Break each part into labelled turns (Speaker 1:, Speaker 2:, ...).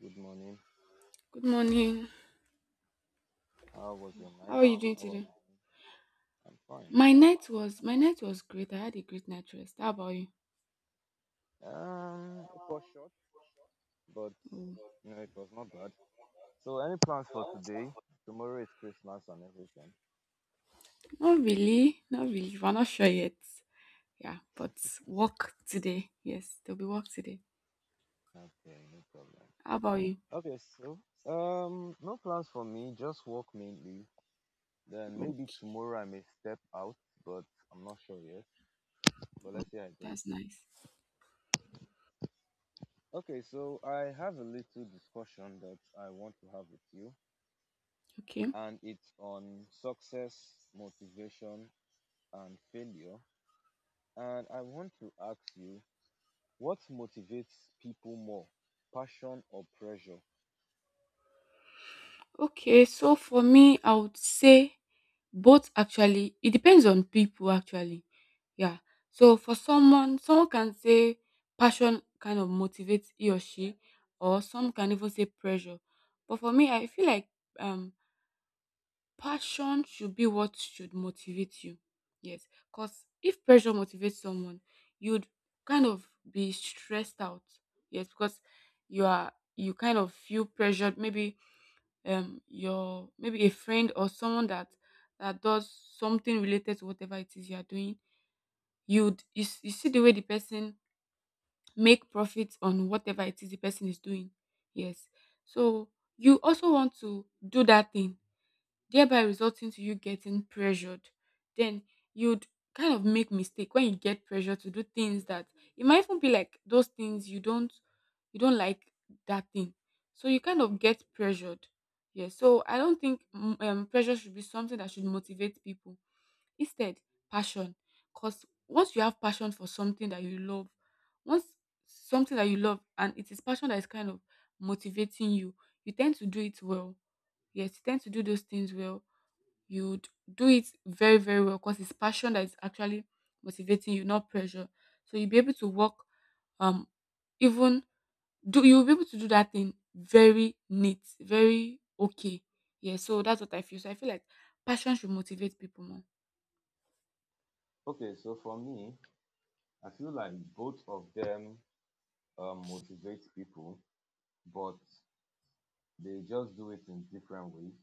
Speaker 1: Good morning.
Speaker 2: Good morning.
Speaker 1: How was your
Speaker 2: How
Speaker 1: night?
Speaker 2: are you doing
Speaker 1: How are
Speaker 2: today?
Speaker 1: we doing? I'm fine. I'm
Speaker 2: My
Speaker 1: fine.
Speaker 2: night was my night was great. I had a great night rest. How about you?
Speaker 1: It was short, but
Speaker 2: Oh,
Speaker 1: you know it was not bad. So, any plans for today? Tomorrow is Christmas and everything.
Speaker 2: not really. Not really. We're not sure yet. Yeah, but work today. Yes, there'll be work today.
Speaker 1: Okay, no problem.
Speaker 2: How about you?
Speaker 1: Okay, so no plans for me. Just work mainly. Then maybe
Speaker 2: Okay.
Speaker 1: tomorrow I may step out, but I'm not sure yet. But
Speaker 2: Oh,
Speaker 1: let's see how it goes.
Speaker 2: that's nice.
Speaker 1: Okay, so I have a little discussion that I want to have with you,
Speaker 2: Okay.
Speaker 1: and it's on success, motivation, and failure. And I want to ask you, what motivates people more, passion or pressure?
Speaker 2: Okay, so for me, I would say both actually. It depends on people actually. Yeah. So for someone can say passion kind of motivates he or she, or some can even say pressure. But for me, I feel like um passion should be what should motivate you. Yes. Because if pressure motivates someone, you'd kind of be stressed out. Yes, because you kind of feel pressured, maybe your, maybe a friend or someone that does something related to whatever it is you are doing. You see the way the person make profits on whatever it is the person is doing. Yes, so you also want to do that thing, thereby resulting to you getting pressured. Then you'd kind of make mistake when you get pressure to do things that, it might even be like those things you don't like that thing. So you kind of get pressured. Yeah, so I don't think pressure should be something that should motivate people. Instead, passion, because once you have passion for something that you love, once something that you love and it is passion that is kind of motivating you, you tend to do it well. Yes, you tend to do those things well. You would do it very, very well because it's passion that is actually motivating you, not pressure. So you'll be able to work, um even do you'll be able to do that thing very neat, very okay. Yeah, so that's what I feel. So I feel like passion should motivate people more.
Speaker 1: Okay, so for me, I feel like both of them motivate people, but they just do it in different ways,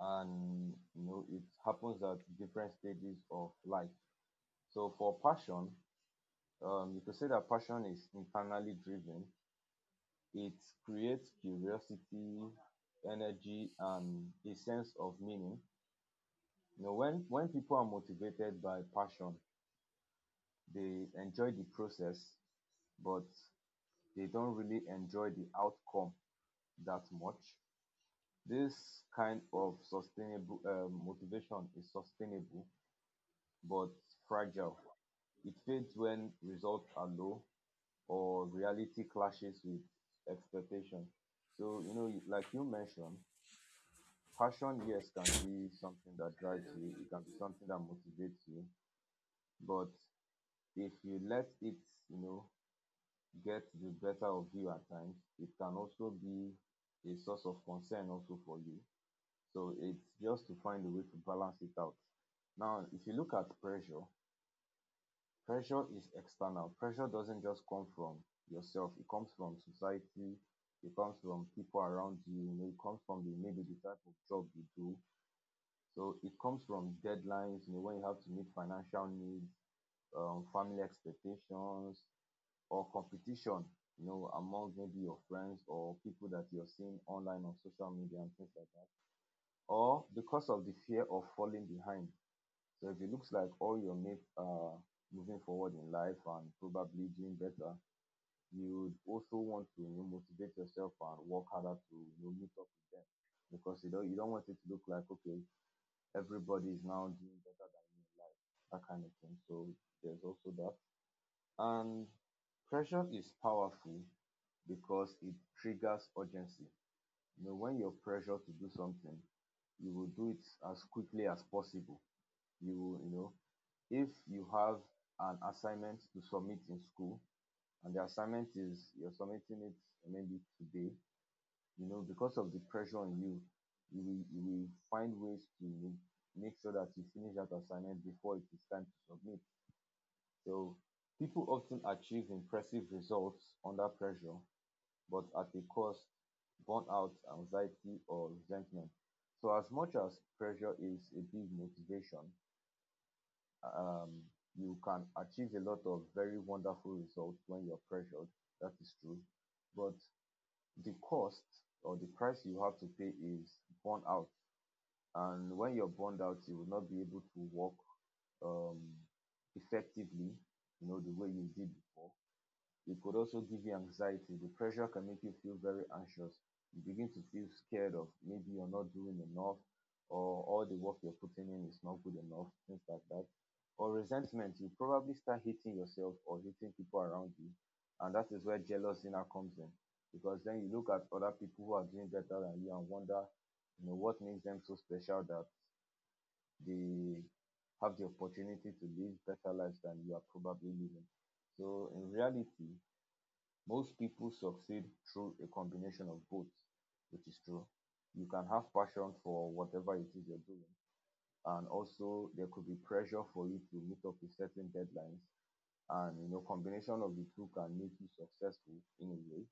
Speaker 1: and you know it happens at different stages of life. So for passion, you could say that passion is internally driven. It creates curiosity, energy, and a sense of meaning. You know, when people are motivated by passion, they enjoy the process, but they don't really enjoy the outcome that much. This kind of sustainable motivation is sustainable but fragile. It fades when results are low or reality clashes with expectation. So, you know, like you mentioned, passion, yes, can be something that drives you, it can be something that motivates you, but if you let it, you know, get the better of you at times, it can also be a source of concern also for you. So it's just to find a way to balance it out. Now if you look at pressure, pressure is external. Pressure doesn't just come from yourself. It comes from society, it comes from people around you. You know, it comes from the maybe the type of job you do. So it comes from deadlines. You know, when you have to meet financial needs, family expectations, or competition, you know, among maybe your friends or people that you're seeing online on social media and things like that, or because of the fear of falling behind. So if it looks like all your mates are moving forward in life and probably doing better, you would also want to, you know, motivate yourself and work harder to, you know, meet up with them, because you don't want it to look like okay, everybody is now doing better than you in life, that kind of thing. So there's also that. And pressure is powerful because it triggers urgency. You know, when you're pressured to do something, you will do it as quickly as possible. You will, you know, if you have an assignment to submit in school and the assignment is you're submitting it maybe today, you know, because of the pressure on you, you will find ways to make sure that you finish that assignment before it is time to submit. So people often achieve impressive results under pressure, but at a cost: burnout, anxiety, or resentment. So as much as pressure is a big motivation, um you can achieve a lot of very wonderful results when you're pressured, that is true, but the cost or the price you have to pay is burnout. And when you're burned out, you will not be able to work um effectively, you know, the way you did before. It could also give you anxiety. The pressure can make you feel very anxious. You begin to feel scared of maybe you're not doing enough or all the work you're putting in is not good enough, things like that. Or resentment, you probably start hating yourself or hating people around you. And that is where jealousy now comes in. Because then you look at other people who are doing better than you and wonder, you know, what makes them so special that they have the opportunity to live better lives than you are probably living. So in reality, most people succeed through a combination of both, which is true. You can have passion for whatever it is you're doing, and also there could be pressure for you to meet up with certain deadlines. And you know, combination of the two can make you successful in a way.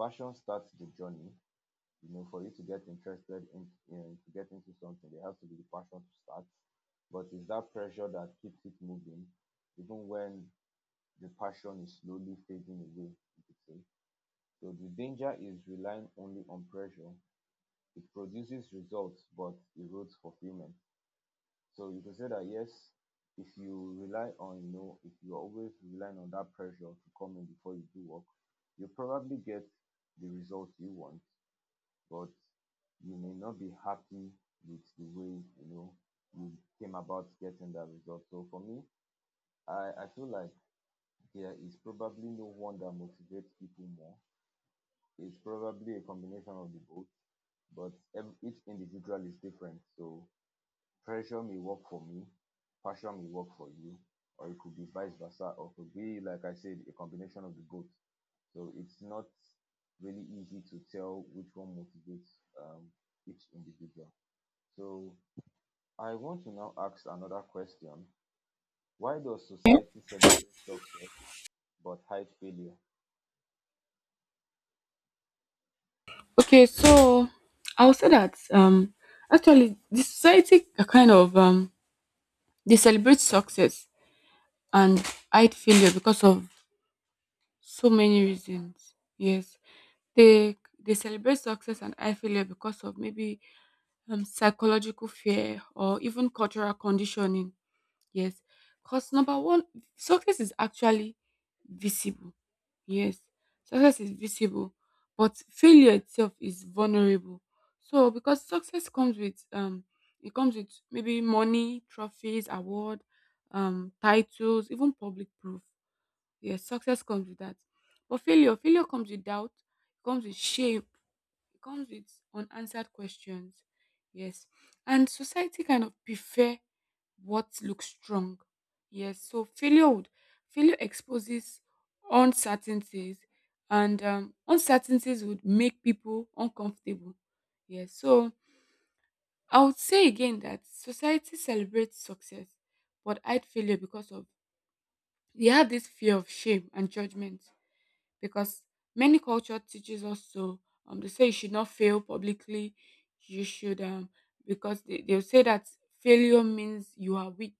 Speaker 1: Passion starts the journey. You know, for you to get interested in to get into something, there has to be the passion to start. But it's that pressure that keeps it moving, even when the passion is slowly fading away, you could say. So the danger is relying only on pressure. It produces results but erodes fulfillment. So you could say that yes, if you rely on, you know, if you're always relying on that pressure to come in before you do work, you probably get the results you want, but you may not be happy with the way, you know, you came about getting that result. So for me, I feel like there is probably no one that motivates people more. It's probably a combination of the both, but each individual is different. So pressure may work for me, passion may work for you, or it could be vice versa, or could be, like I said, a combination of the both. So it's not really easy to tell which one motivates um, each individual. So I want to now ask another question. Why does society celebrate success but hide failure?
Speaker 2: Okay, so I would say that, actually the society kind of, they celebrate success and hide failure because of so many reasons. Yes. They celebrate success and high failure because of maybe psychological fear or even cultural conditioning. Yes, because number one, success is actually visible. Yes, success is visible, but failure itself is vulnerable. So because success comes with, it comes with maybe money, trophies, award, titles, even public proof. Yes, success comes with that, but failure comes with doubt, comes with shame, it comes with unanswered questions. Yes. And society kind of prefer what looks strong. Yes. So failure exposes uncertainties, and uncertainties would make people uncomfortable. Yes. So I would say again that society celebrates success but hide failure because of, they have this fear of shame and judgment, because many culture teaches us to, they say you should not fail publicly, you should because they'll say that failure means you are weak.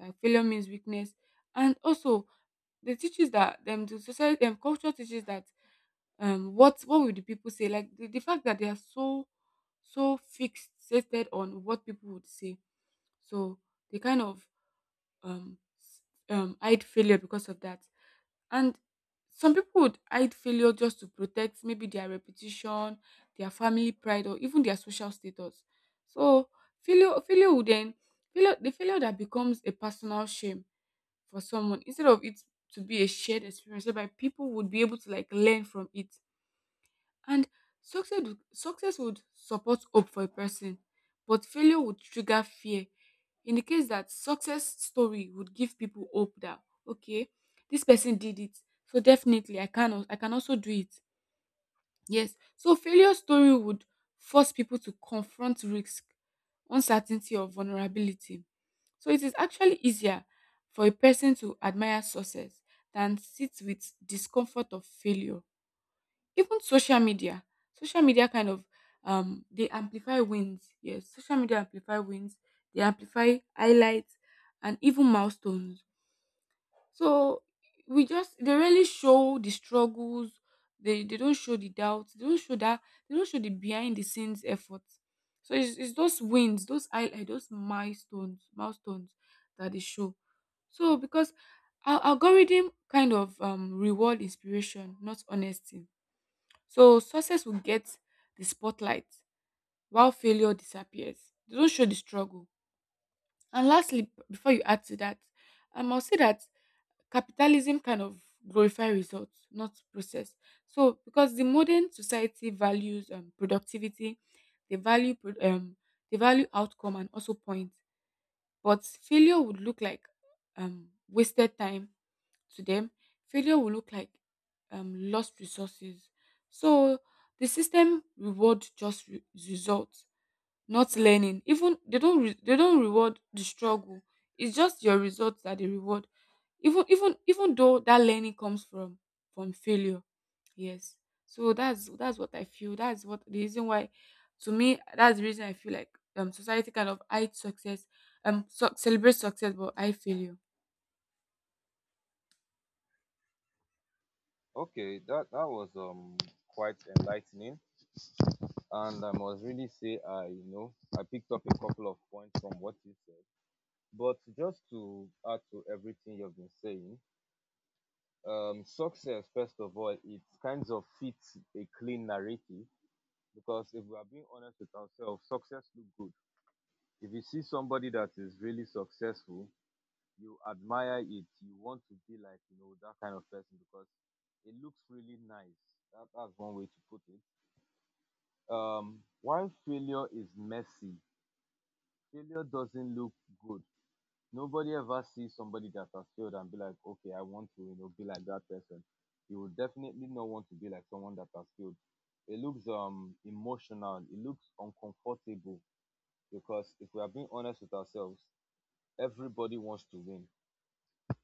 Speaker 2: Failure means weakness. And also they teaches that them, the society, culture teaches that, what would the people say, like the fact that they are so, fixated on what people would say. So they kind of, um s- hide failure because of that. And some people would hide failure just to protect maybe their reputation, their family pride, or even their social status. So failure, failure would then failure the failure that becomes a personal shame for someone, instead of it to be a shared experience, so by people would be able to like learn from it. And success would support hope for a person, but failure would trigger fear. In the case that success story would give people hope that, okay, this person did it, so definitely I can also do it. Yes. So failure story would force people to confront risk, uncertainty, or vulnerability. So it is actually easier for a person to admire success than sit with discomfort of failure. Even social media kind of, they amplify wins. Yes, social media amplify wins. They amplify highlights and even milestones. So we just they really show the struggles. They don't show the doubts. They don't show that. They don't show the behind the scenes efforts. So it's those wins, those highlights, those milestones, that they show. So because our algorithm kind of reward inspiration, not honesty, so success will get the spotlight while failure disappears. They don't show the struggle. And lastly, before you add to that, I must say that capitalism kind of glorify results, not process. So because the modern society values productivity, they value pro- um, they value outcome and also point. But failure would look like wasted time to them. Failure will look like lost resources. So the system reward just results, not learning. Even they don't reward the struggle. It's just your results that they reward. Even though that learning comes from failure. Yes. So that's what I feel. That's what the reason why, to me, that's the reason I feel like society kind of hides success, so, celebrates success but hide failure.
Speaker 1: Okay, that was quite enlightening. And I must really say, I, you know, I picked up a couple of points from what you said. But just to add to everything you've been saying, success, first of all, it kind of fits a clean narrative, because if we are being honest with ourselves, success looks good. If you see somebody that is really successful, you admire it. You want to be like, you know, that kind of person, because it looks really nice. That's one way to put it. Um, why failure is messy, failure doesn't look good. Nobody ever sees somebody that has failed and be like, okay, I want to, you know, be like that person. You will definitely not want to be like someone that has failed. It looks emotional, it looks uncomfortable, because if we are being honest with ourselves, everybody wants to win.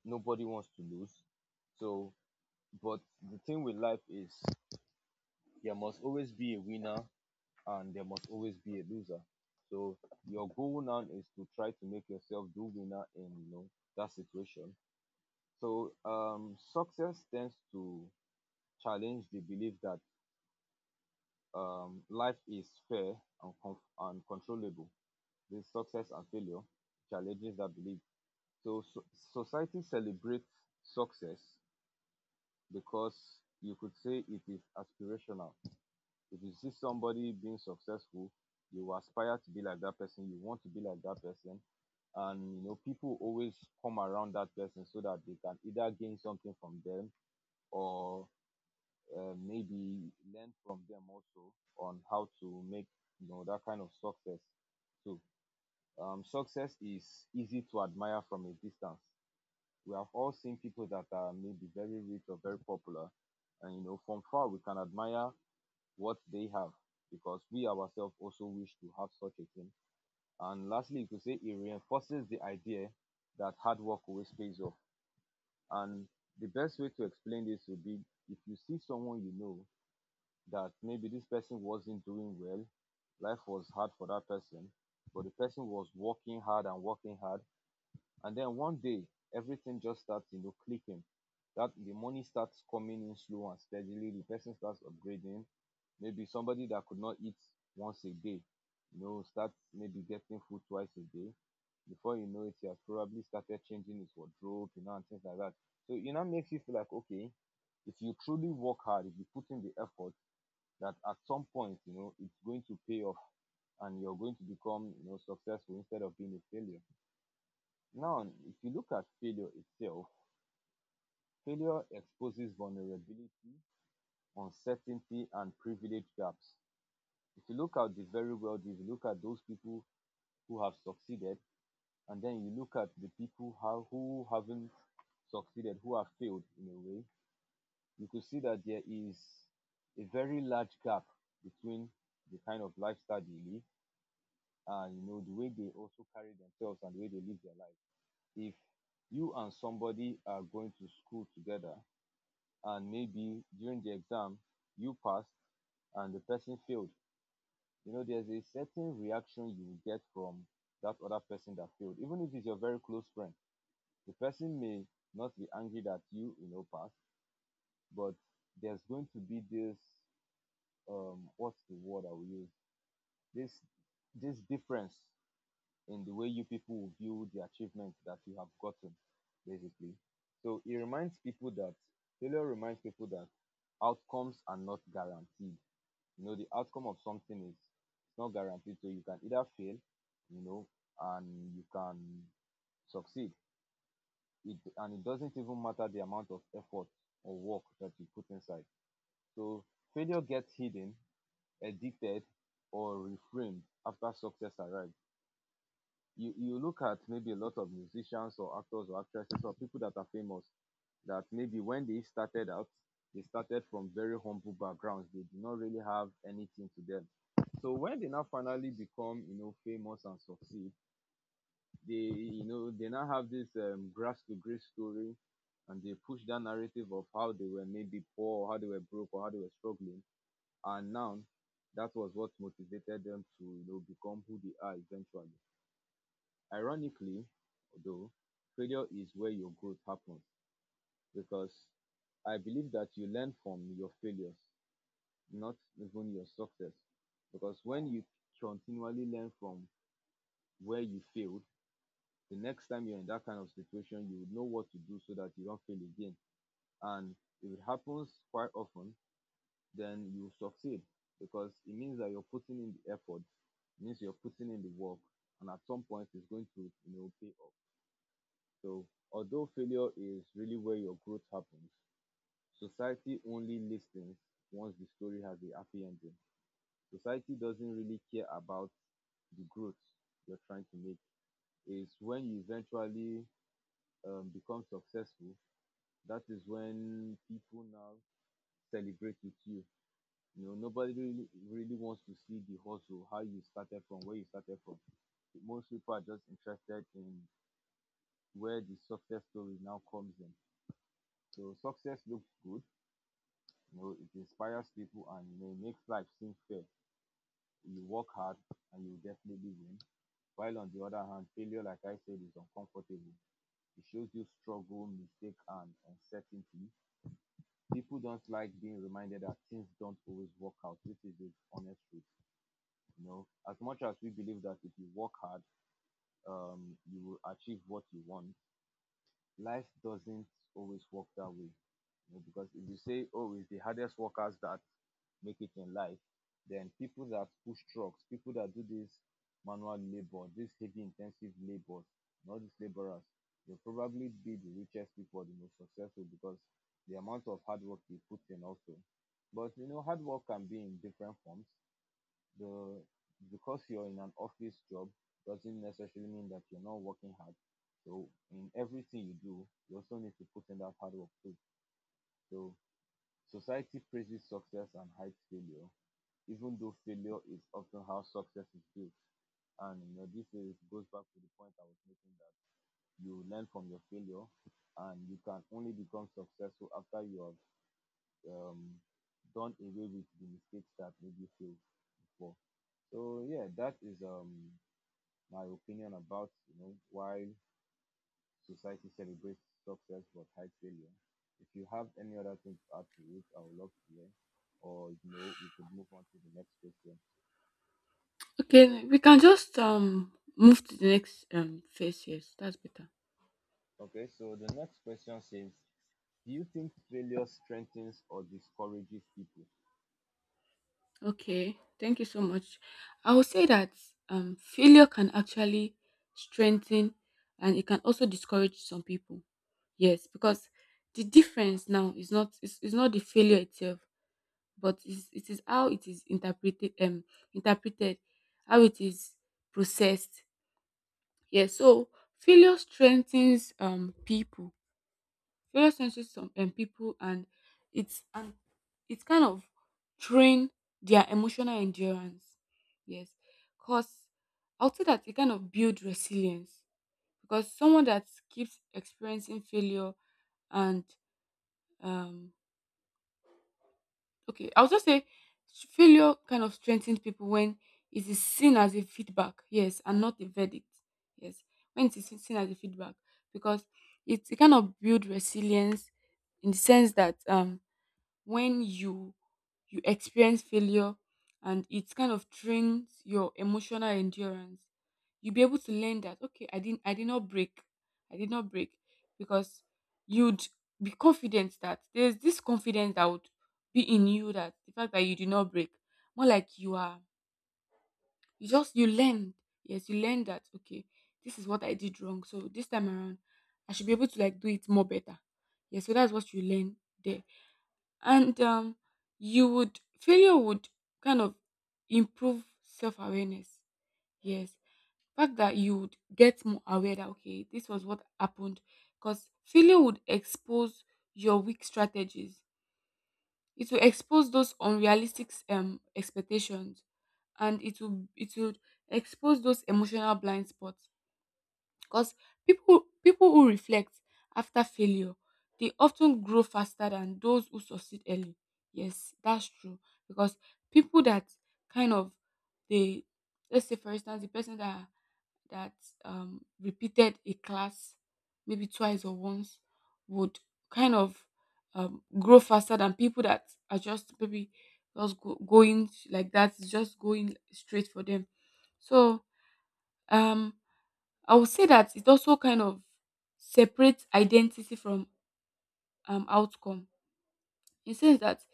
Speaker 1: Nobody wants to lose. So but the thing with life is there must always be a winner and there must always be a loser. So your goal now is to try to make yourself the winner in, you know, that situation. So success tends to challenge the belief that life is fair and and controllable. This success and failure challenges that belief. So society celebrates success because you could say it is aspirational. If you see somebody being successful, you aspire to be like that person, you want to be like that person. And you know, people always come around that person so that they can either gain something from them or maybe learn from them also on how to make, you know, that kind of success. So success is easy to admire from a distance. We have all seen people that are maybe very rich or very popular, and you know, from far we can admire what they have because we ourselves also wish to have such a thing. And lastly, you could say it reinforces the idea that hard work always pays off. And the best way to explain this would be if you see someone you know that maybe this person wasn't doing well, life was hard for that person, but the person was working hard and working hard, and then one day, everything just starts, you know, clicking. That the money starts coming in slow and steadily. The person starts upgrading. Maybe somebody that could not eat once a day, you know, starts maybe getting food twice a day. Before you know it, he has probably started changing his wardrobe, you know, and things like that. So it now makes you feel like, okay, if you truly work hard, if you put in the effort, that at some point, you know, it's going to pay off and you're going to become, you know, successful instead of being a failure. Now, if you look at failure itself, failure exposes vulnerability, uncertainty, and privilege gaps. If you look at the very wealthy, if you look at those people who have succeeded, and then you look at the people who haven't succeeded, who have failed in a way, you could see that there is a very large gap between the kind of lifestyle they live and you know the way they also carry themselves and the way they live their life. If you and somebody are going to school together and maybe during the exam you passed and the person failed, you know there's a certain reaction you will get from that other person that failed, even if it's your very close friend. The person may not be angry that you know passed, but there's going to be this what's the word I will use? This difference in the way you people will view the achievement that you have gotten, basically. So it reminds people that failure reminds people that outcomes are not guaranteed. You know, the outcome of something is it's not guaranteed. So you can either fail, you know, and you can succeed. It doesn't even matter the amount of effort or work that you put inside. So failure gets hidden, addicted, or reframed after success arrives. You look at maybe a lot of musicians or actors or actresses or people that are famous, that maybe when they started out, they started from very humble backgrounds. They did not really have anything to them. So when they now finally become, famous and succeed, they now have this grass to grace story, and they push that narrative of how they were maybe poor, or how they were broke, or how they were struggling, and now that was what motivated them to, become who they are eventually. Ironically, though, failure is where your growth happens, because I believe that you learn from your failures, not even your success. Because when you continually learn from where you failed, the next time you're in that kind of situation, you would know what to do so that you don't fail again. And if it happens quite often, then you succeed, because it means that you're putting in the effort, it means you're putting in the work, and at some point it's going to pay off. So although failure is really where your growth happens, society only listens once the story has a happy ending. Society doesn't really care about the growth you're trying to make. It's when you eventually become successful that is when people now celebrate with you. You know, nobody really, really wants to see the hustle, how you started from, where you started from. Most people are just interested in where the success story now comes in. So success looks good. You know, it inspires people, and makes life seem fair. You work hard and you definitely win. While on the other hand, failure, like I said, is uncomfortable. It shows you struggle, mistake, and uncertainty. People don't like being reminded that things don't always work out. This is the honest truth. You know, as much as we believe that if you work hard, you will achieve what you want. Life doesn't always work that way. You know, because if you say, oh, it's the hardest workers that make it in life, then people that push trucks, people that do this manual labor, this heavy intensive labor, and all these laborers, they'll probably be the richest people, the most successful, because the amount of hard work they put in also. But you know, hard work can be in different forms. The Because you're in an office job doesn't necessarily mean that you're not working hard. So in everything you do, you also need to put in that hard work too. So society praises success and hides failure, even though failure is often how success is built. And you know, this is goes back to the point I was making, that you learn from your failure, and you can only become successful after you have done away with the mistakes that made you fail before. So yeah, that is my opinion about why society celebrates success but hides failure. If you have any other thing to add to it, I would love to hear. Or you know, we could move on to the next question.
Speaker 2: Okay, we can just move to the next phase. Yes, that's better.
Speaker 1: Okay, so the next question says, do you think failure strengthens or discourages people?
Speaker 2: Okay, thank you so much. I would say that failure can actually strengthen, and it can also discourage some people. Yes, because the difference now is not the failure itself, but is it is how it is interpreted, how it is processed. Yes, so failure strengthens people. Failure senses some people, and it's and it's kind of train their emotional endurance. Yes. 'Cause I would say that it kind of build resilience because someone that keeps experiencing failure and, um okay, I'll just say, failure kind of strengthens people when it is seen as a feedback, yes, and not a verdict. Yes. When it is seen as a feedback, because it kind of build resilience, in the sense that, when you experience failure and it kind of trains your emotional endurance, you'll be able to learn that, okay, I did not break. I did not break. Because you'd be confident, that there's this confidence that would be in you, that the fact that you did not break, more like you are, you learn. Yes, you learn that, okay, this is what I did wrong, so this time around I should be able to like do it more better. Yes, so that's what you learn there. And, you would failure would kind of improve self-awareness. Yes. Fact that you would get more aware that, okay, this was what happened, because failure would expose your weak strategies. It will expose those unrealistic expectations, and it would expose those emotional blind spots. Because people who reflect after failure, they often grow faster than those who succeed early. Yes, that's true. Because people that kind of, they, let's say for instance, the person that repeated a class maybe twice or once, would kind of, grow faster than people that are just maybe, going like that, it's just going straight for them. So, um I would say that it also kind of separates identity from, outcome, in sense that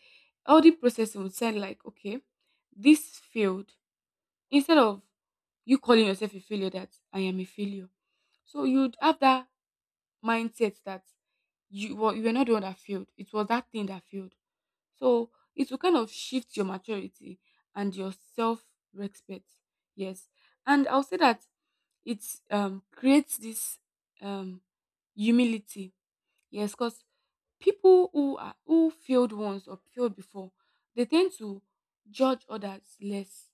Speaker 2: healthy processing would sound like, okay, this failed. Instead of you calling yourself a failure, that I am a failure. So you'd have that mindset that you were not the one that failed. It was that thing that failed. So it will kind of shift your maturity and your self respect. Yes. And I'll say that it, creates this, um, humility. Yes, because people who failed once or failed before, they tend to judge others less.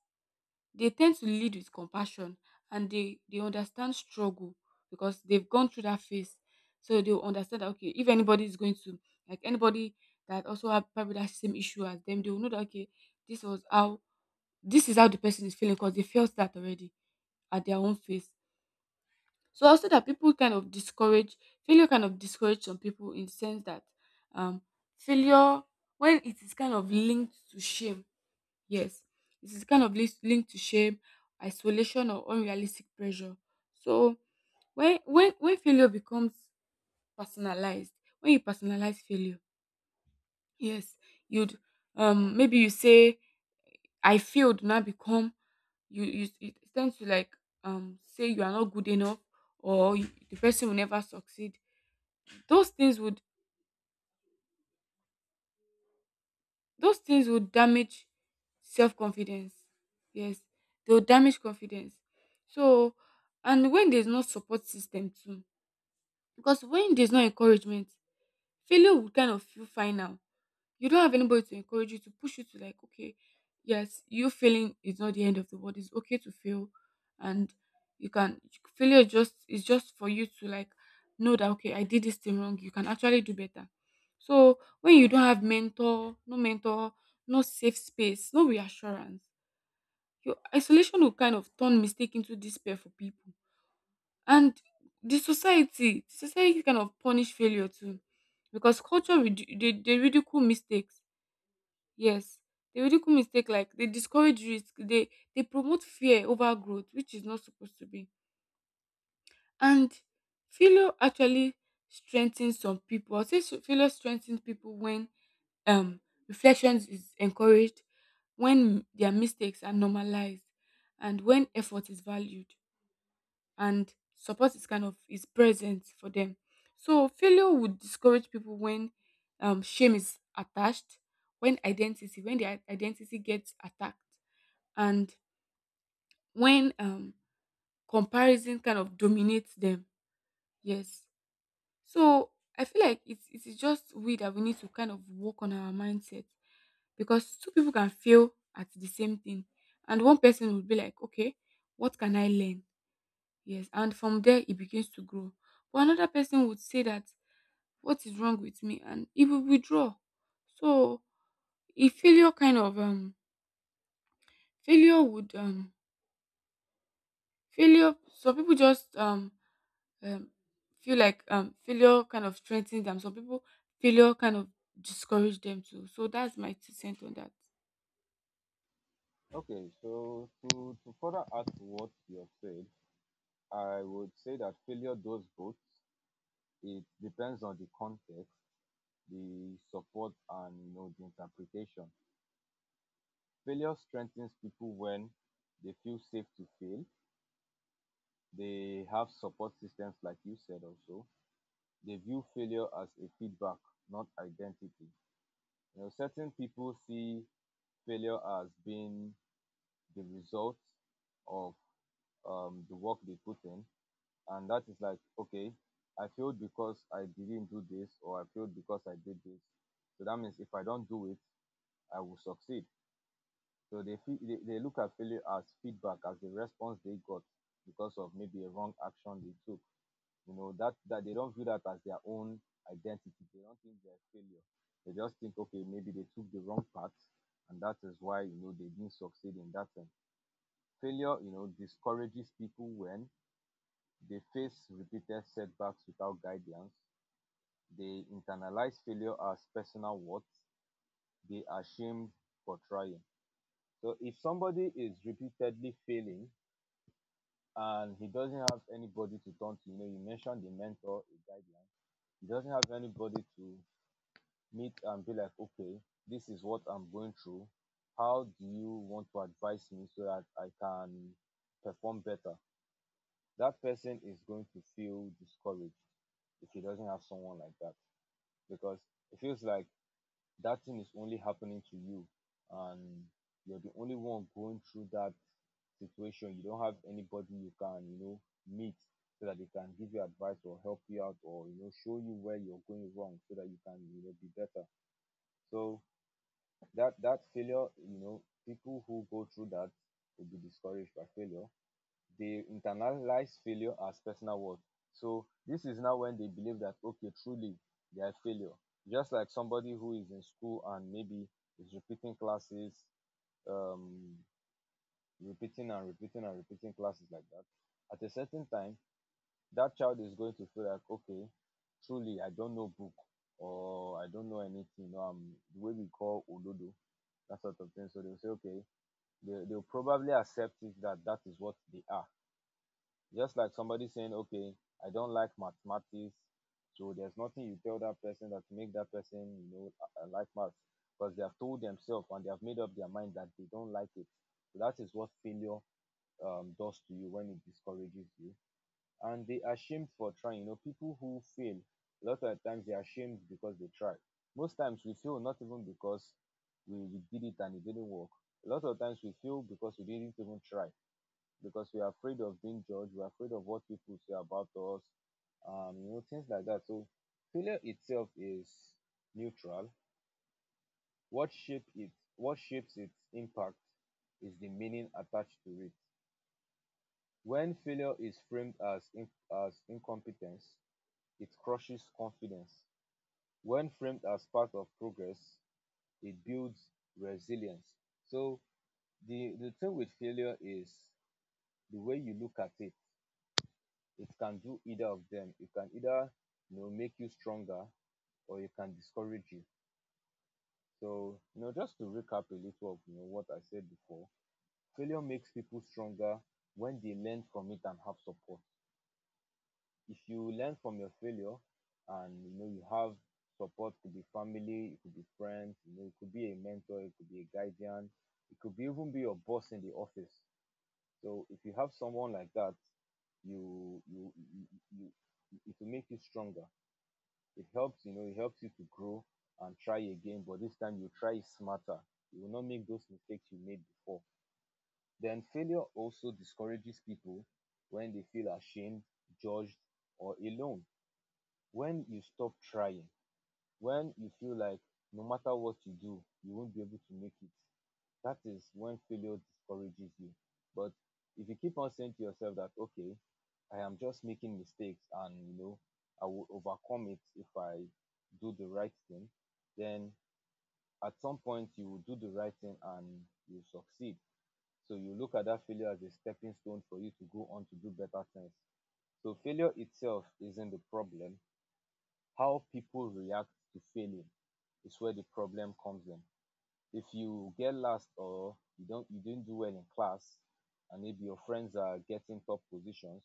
Speaker 2: They tend to lead with compassion, and they understand struggle because they've gone through that phase. So they'll understand that, okay, if anybody is going to, like, anybody that also have probably that same issue as them, they will know that, okay, this was how this is how the person is feeling because they felt that already at their own phase. So also that people kind of discourage failure kind of discourage some people, in the sense that, um failure, when it is kind of linked to shame. Yes, it is kind of linked to shame, isolation, or unrealistic pressure. So when failure becomes personalized, when you personalize failure, yes, you'd, maybe you say, I failed, now become, you it tends to like, say you are not good enough, or you, the person will never succeed. Those things would those things will damage self confidence. Yes, they will damage confidence. So, and when there's no support system too, because when there's no encouragement, failure will kind of feel final. You don't have anybody to encourage you to push you to like, okay, yes, you failing is not the end of the world. It's okay to fail, and you can failure just is just for you to like know that okay, I did this thing wrong. You can actually do better. So when you don't have mentor, no safe space, no reassurance, your isolation will kind of turn mistake into despair for people. And the society kind of punish failure too, because they ridicule mistakes. Yes, they ridicule mistake like they discourage risk, they promote fear over growth, which is not supposed to be. And failure actually strengthens some people. I'll say failure strengthens people when um reflections is encouraged, when their mistakes are normalized, and when effort is valued and support is kind of is present for them. So failure would discourage people when shame is attached, when identity, when their identity gets attacked, and when comparison kind of dominates them. Yes. So I feel like it's just we that we need to kind of work on our mindset because two people can fail at the same thing, and one person would be like, okay, what can I learn? Yes, and from there it begins to grow. But another person would say that what is wrong with me and it will withdraw. So if failure kind of failure would failure some people just um feel like failure kind of strengthens them. Some people failure kind of discourage them too. So that's my two cents on that.
Speaker 1: Okay, so to further add to what you have said, I would say that failure does both. It depends on the context, the support, and the interpretation. Failure strengthens people when they feel safe to fail, they have support systems, like you said. Also, they view failure as a feedback, not identity. You know, certain people see failure as being the result of the work they put in, and that is like, okay, I failed because I didn't do this, or I failed because I did this. So that means if I don't do it, I will succeed. So they feel they look at failure as feedback, as the response they got because of maybe a wrong action they took. You know, that they don't view that as their own identity. They don't think they're a failure. They just think, okay, maybe they took the wrong path, and that is why they didn't succeed in that thing. Failure, discourages people when they face repeated setbacks without guidance. They internalize failure as personal worth. They are shamed for trying. So if somebody is repeatedly failing, and he doesn't have anybody to turn to... You know, you mentioned the mentor, a guideline. He doesn't have anybody to meet and be like, okay, this is what I'm going through. How do you want to advise me so that I can perform better? That person is going to feel discouraged if he doesn't have someone like that, because it feels like that thing is only happening to you, and you're the only one going through that situation. You don't have anybody you can meet so that they can give you advice or help you out, or show you where you're going wrong so that you can be better. So that failure, people who go through that will be discouraged by failure. They internalize failure as personal worth. So this is now when they believe that, okay, truly they are a failure. Just like somebody who is in school and maybe is repeating classes, um repeating and repeating and repeating classes like that, at a certain time that child is going to feel like, okay, truly I don't know book, or I don't know anything, or I'm the way we call ododo, that sort of thing. So they'll say, okay, they'll probably accept it that that is what they are. Just like somebody saying, okay, I don't like mathematics, so there's nothing you tell that person that make that person, you know, like maths, because they have told themselves and they have made up their mind that they don't like it. So that is what failure does to you when it discourages you. And they are shamed for trying. You know, people who fail, a lot of times they are shamed because they tried. Most times we fail not even because we did it and it didn't work. A lot of times we fail because we didn't even try, because we are afraid of being judged. We're afraid of what people say about us, you know, things like that. So failure itself is neutral. What shape it, what shapes its impact, is the meaning attached to it. When failure is framed as incompetence, it crushes confidence. When framed as part of progress, it builds resilience. So the thing with failure is the way you look at it. It can do either of them. It can either make you stronger, or it can discourage you. So you know, just to recap a little of what I said before, failure makes people stronger when they learn from it and have support. If you learn from your failure, and you have support, could be family, it could be friends, you know, it could be a mentor, it could be a guardian, it could be even be your boss in the office. So if you have someone like that, you you you, you it will make you stronger. It helps you to grow and try again, but this time you try smarter. You will not make those mistakes you made before. Then failure also discourages people when they feel ashamed, judged, or alone. When you stop trying, when you feel like no matter what you do you won't be able to make it, that is when failure discourages you. But if you keep on saying to yourself that, okay, I am just making mistakes, and I will overcome it if I do the right thing, then at some point you will do the right thing and you succeed. So you look at that failure as a stepping stone for you to go on to do better things. So failure itself isn't the problem. How people react to failing is where the problem comes in. If you get last or you didn't do well in class, and maybe your friends are getting top positions,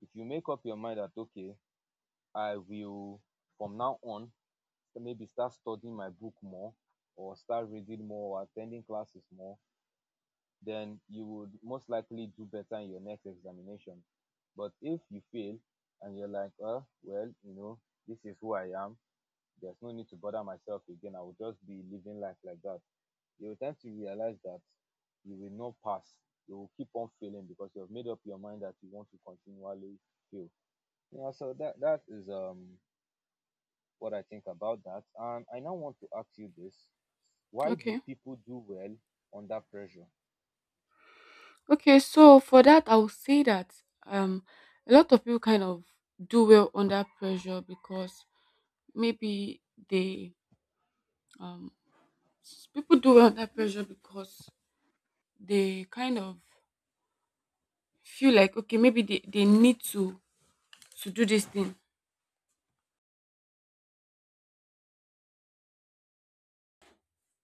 Speaker 1: if you make up your mind that, okay, I will, from now on, maybe start studying my book more, or start reading more or attending classes more, then you would most likely do better in your next examination. But if you fail and you're like, oh well, this is who I am, there's no need to bother myself again. I will just be living life like that. You will tend to realize that you will not pass. You will keep on failing because you have made up your mind that you want to continually fail. Yeah, so that is what I think about that. And I now want to ask you this. Why do
Speaker 2: Okay.
Speaker 1: people do well under pressure?
Speaker 2: Okay, so for that I would say that um a lot of people kind of do well under pressure because maybe they Um, people do well under pressure because they kind of feel like okay, maybe they need to do this thing.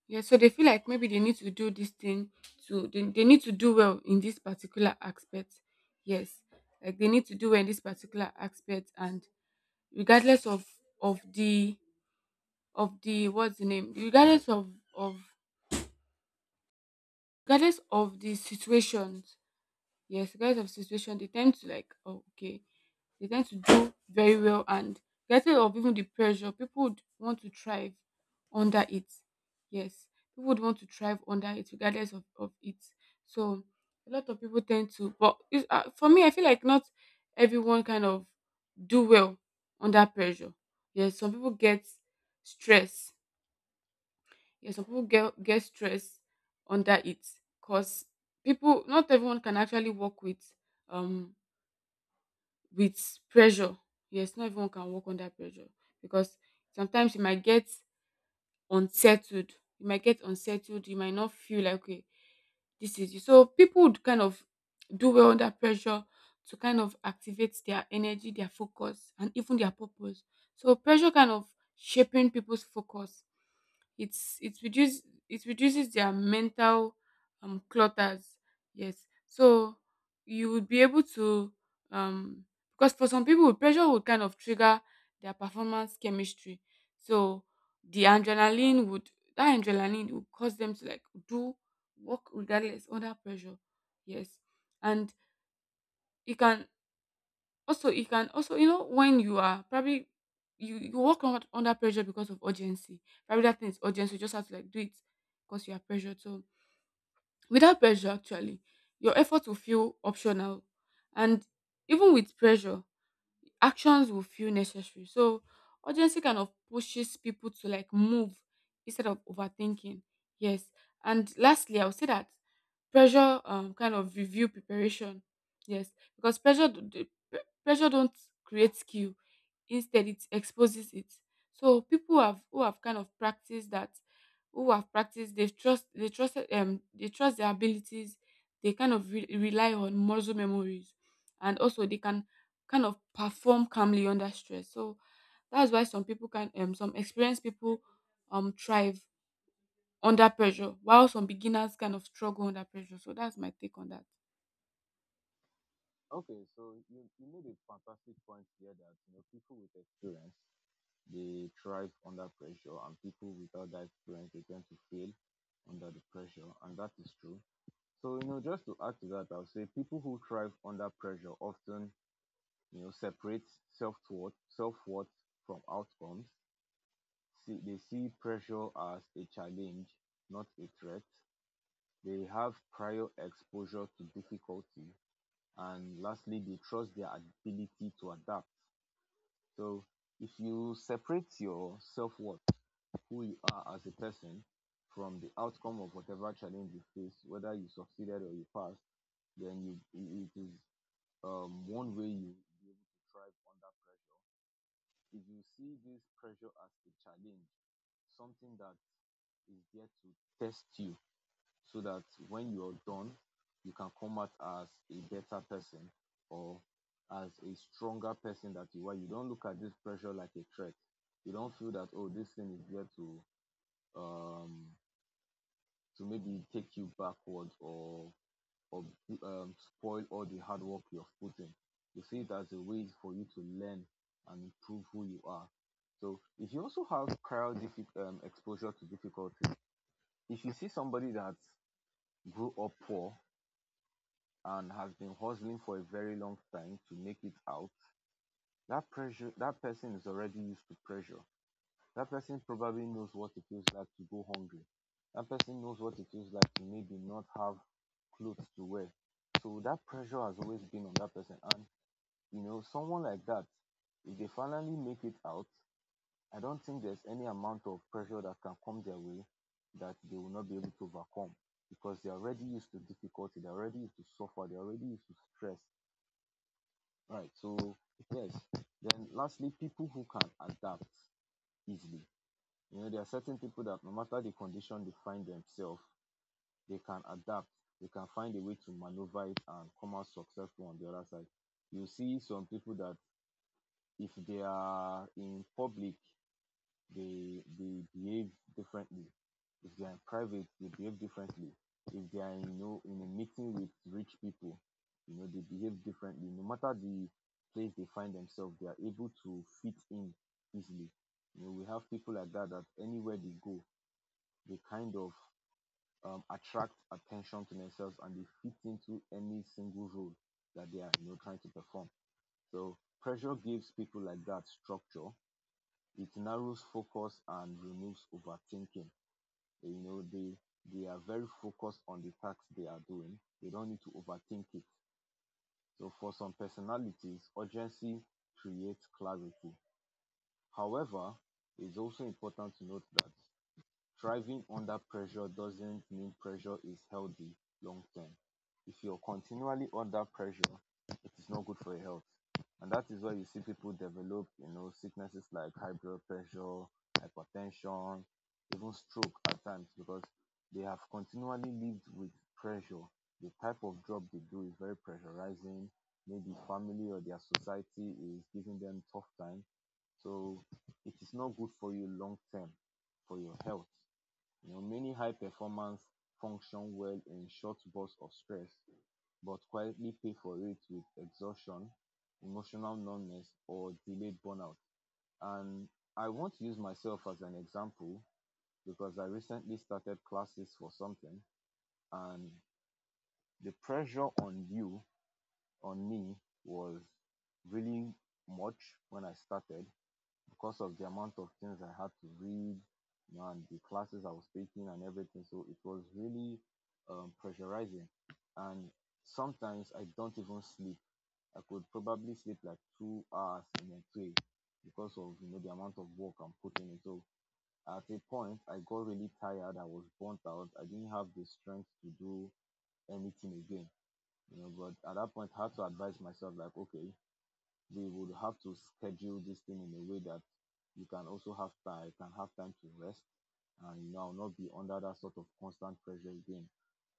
Speaker 2: Yeah, so they feel like maybe they need to do this thing to they need to do well in this particular aspect. Yes, like they need to do well in this particular aspect, and regardless of the of the what's the name, regardless of of regardless of the situations, yes, regardless of situation, they tend to like oh, okay, they tend to do very well and get rid of even the pressure. People would want to thrive under it. Yes, people would want to thrive under it regardless of it. So a lot of people tend to, but for me, I feel like not everyone kind of do well under pressure. Yes, some people get stress. Yes, some people get stress under it because people, not everyone can actually work um with pressure. Yes, not everyone can work under pressure because sometimes you might get unsettled. You might get unsettled. You might not feel like okay, this is you. So people would kind of do well under pressure to kind of activate their energy, their focus, and even their purpose. So pressure kind of shaping people's focus, it reduces it reduces their mental clutters, yes. So you would be able to um because for some people pressure would kind of trigger their performance chemistry. So the adrenaline would that adrenaline would cause them to like do work regardless under pressure, yes. And it can also, you know, when you are probably you work on, under pressure because of urgency. Probably that thing is urgent, so you just have to like do it because you are pressured. So without pressure, actually, your effort will feel optional, and even with pressure, actions will feel necessary. So urgency kind of pushes people to like move instead of overthinking. Yes, and lastly, I would say that pressure kind of review preparation. Yes, because pressure d- d- pre- pressure don't create skill. Instead, it exposes it. So people who have kind of practiced that, who have practiced, they trust their abilities. They kind of rely on muscle memories, and also they can kind of perform calmly under stress. So that's why some people can some experienced people thrive under pressure while some beginners kind of struggle under pressure. So that's my take on that.
Speaker 1: Okay, so you made a fantastic point here that, you know, people with experience, they thrive under pressure, and people without that experience they tend to fail under the pressure, and that is true. So, you know, just to add to that, I'll say people who thrive under pressure often, you know, separate self-worth from outcomes. See, they see pressure as a challenge, not a threat. They have prior exposure to difficulty, and lastly they trust their ability to adapt. So if you separate your self-worth, who you are as a person, from the outcome of whatever challenge you face, whether you succeeded or you passed, then you it is one way you be able to thrive under pressure. If you see this pressure as a challenge, something that is there to test you, so that when you are done, you can come out as a better person, or as a stronger person that you are. You don't look at this pressure like a threat. You don't feel that, oh, this thing is there um to maybe take you backwards, or or spoil all the hard work you've put in. You see it as a way for you to learn and improve who you are. So if you also have prior exposure to difficulty, if you see somebody that grew up poor and has been hustling for a very long time to make it out, that pressure, that person is already used to pressure. That person probably knows what it feels like to go hungry. That person knows what it feels like to maybe not have clothes to wear. So that pressure has always been on that person. And, you know, someone like that, if they finally make it out, I don't think there's any amount of pressure that can come their way that they will not be able to overcome, because they're already used to difficulty, they're already used to suffer, they're already used to stress. Right. So, yes. Then, lastly, people who can adapt easily, you know, there are certain people that no matter the condition they find themselves, they can adapt, they can find a way to maneuver it and come out successful on the other side. You see some people that if they are in public, they behave differently, if they are in private they behave differently, if they are in, you know, in a meeting with rich people, you know, they behave differently. No matter the place they find themselves, they are able to fit in easily. You know, we have people like that, that anywhere they go, they kind of attract attention to themselves, and they fit into any single role that they are, you know, trying to perform. So pressure gives people like that structure. It narrows focus and removes overthinking. You know, they are very focused on the task they are doing. They don't need to overthink it. So for some personalities, urgency creates clarity. However, it's also important to note that thriving under pressure doesn't mean pressure is healthy long term. If you're continually under pressure, it is not good for your health. And that is why you see people develop, you know, sicknesses like high blood pressure, hypertension, even stroke at times, because they have continually lived with pressure. The type of job they do is very pressurizing. Maybe family or their society is giving them tough time. So it is not good for you long term, for your health. You know, many high performers function well in short bursts of stress, but quietly pay for it with exhaustion, emotional numbness, or delayed burnout. And I want to use myself as an example, because I recently started classes for something, and the pressure on you, on me, was really much when I started, because of the amount of things I had to read, you know, and the classes I was taking and everything. So it was really pressurizing. And sometimes I don't even sleep. I could probably sleep like 2 hours in a day, because of, you know, the amount of work I'm putting in. So at a point, I got really tired. I was burnt out. I didn't have the strength to do anything again. You know, but at that point, I had to advise myself like, okay, they would have to schedule this thing in a way that you can also have time can have time to rest, and, you know, not be under that sort of constant pressure again.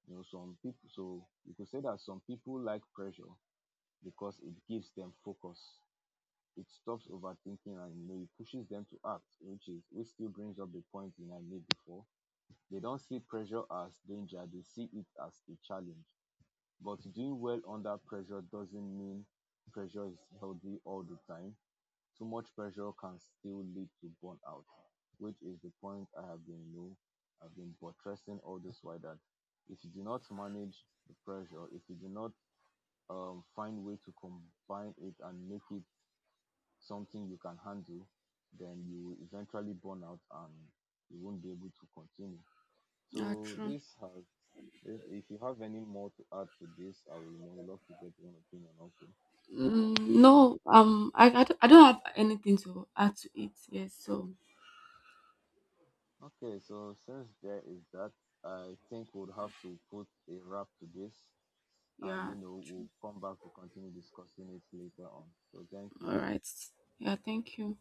Speaker 1: You know, some people, so you could say that some people like pressure because it gives them focus. It stops overthinking, and, you know, it pushes them to act, which is which still brings up the point that I made before. They don't see pressure as danger, they see it as a challenge. But doing well under pressure doesn't mean pressure is healthy all the time. Too much pressure can still lead to burnout, which is the point I have been, you know, I've been buttressing all this while, that if you do not manage the pressure, if you do not find way to combine it and make it something you can handle, then you will eventually burn out and you won't be able to continue.
Speaker 2: Yeah,
Speaker 1: So
Speaker 2: true.
Speaker 1: this has, if you have any more to add to this, I will, you know, love to get your opinion also.
Speaker 2: Mm, no, I don't have anything to add to it, yes, so
Speaker 1: Okay, so since there is that, I think we'll have to put a wrap to this, and,
Speaker 2: yeah,
Speaker 1: you know, we'll come back to continue discussing it later on. So thank you.
Speaker 2: all right, yeah, thank you.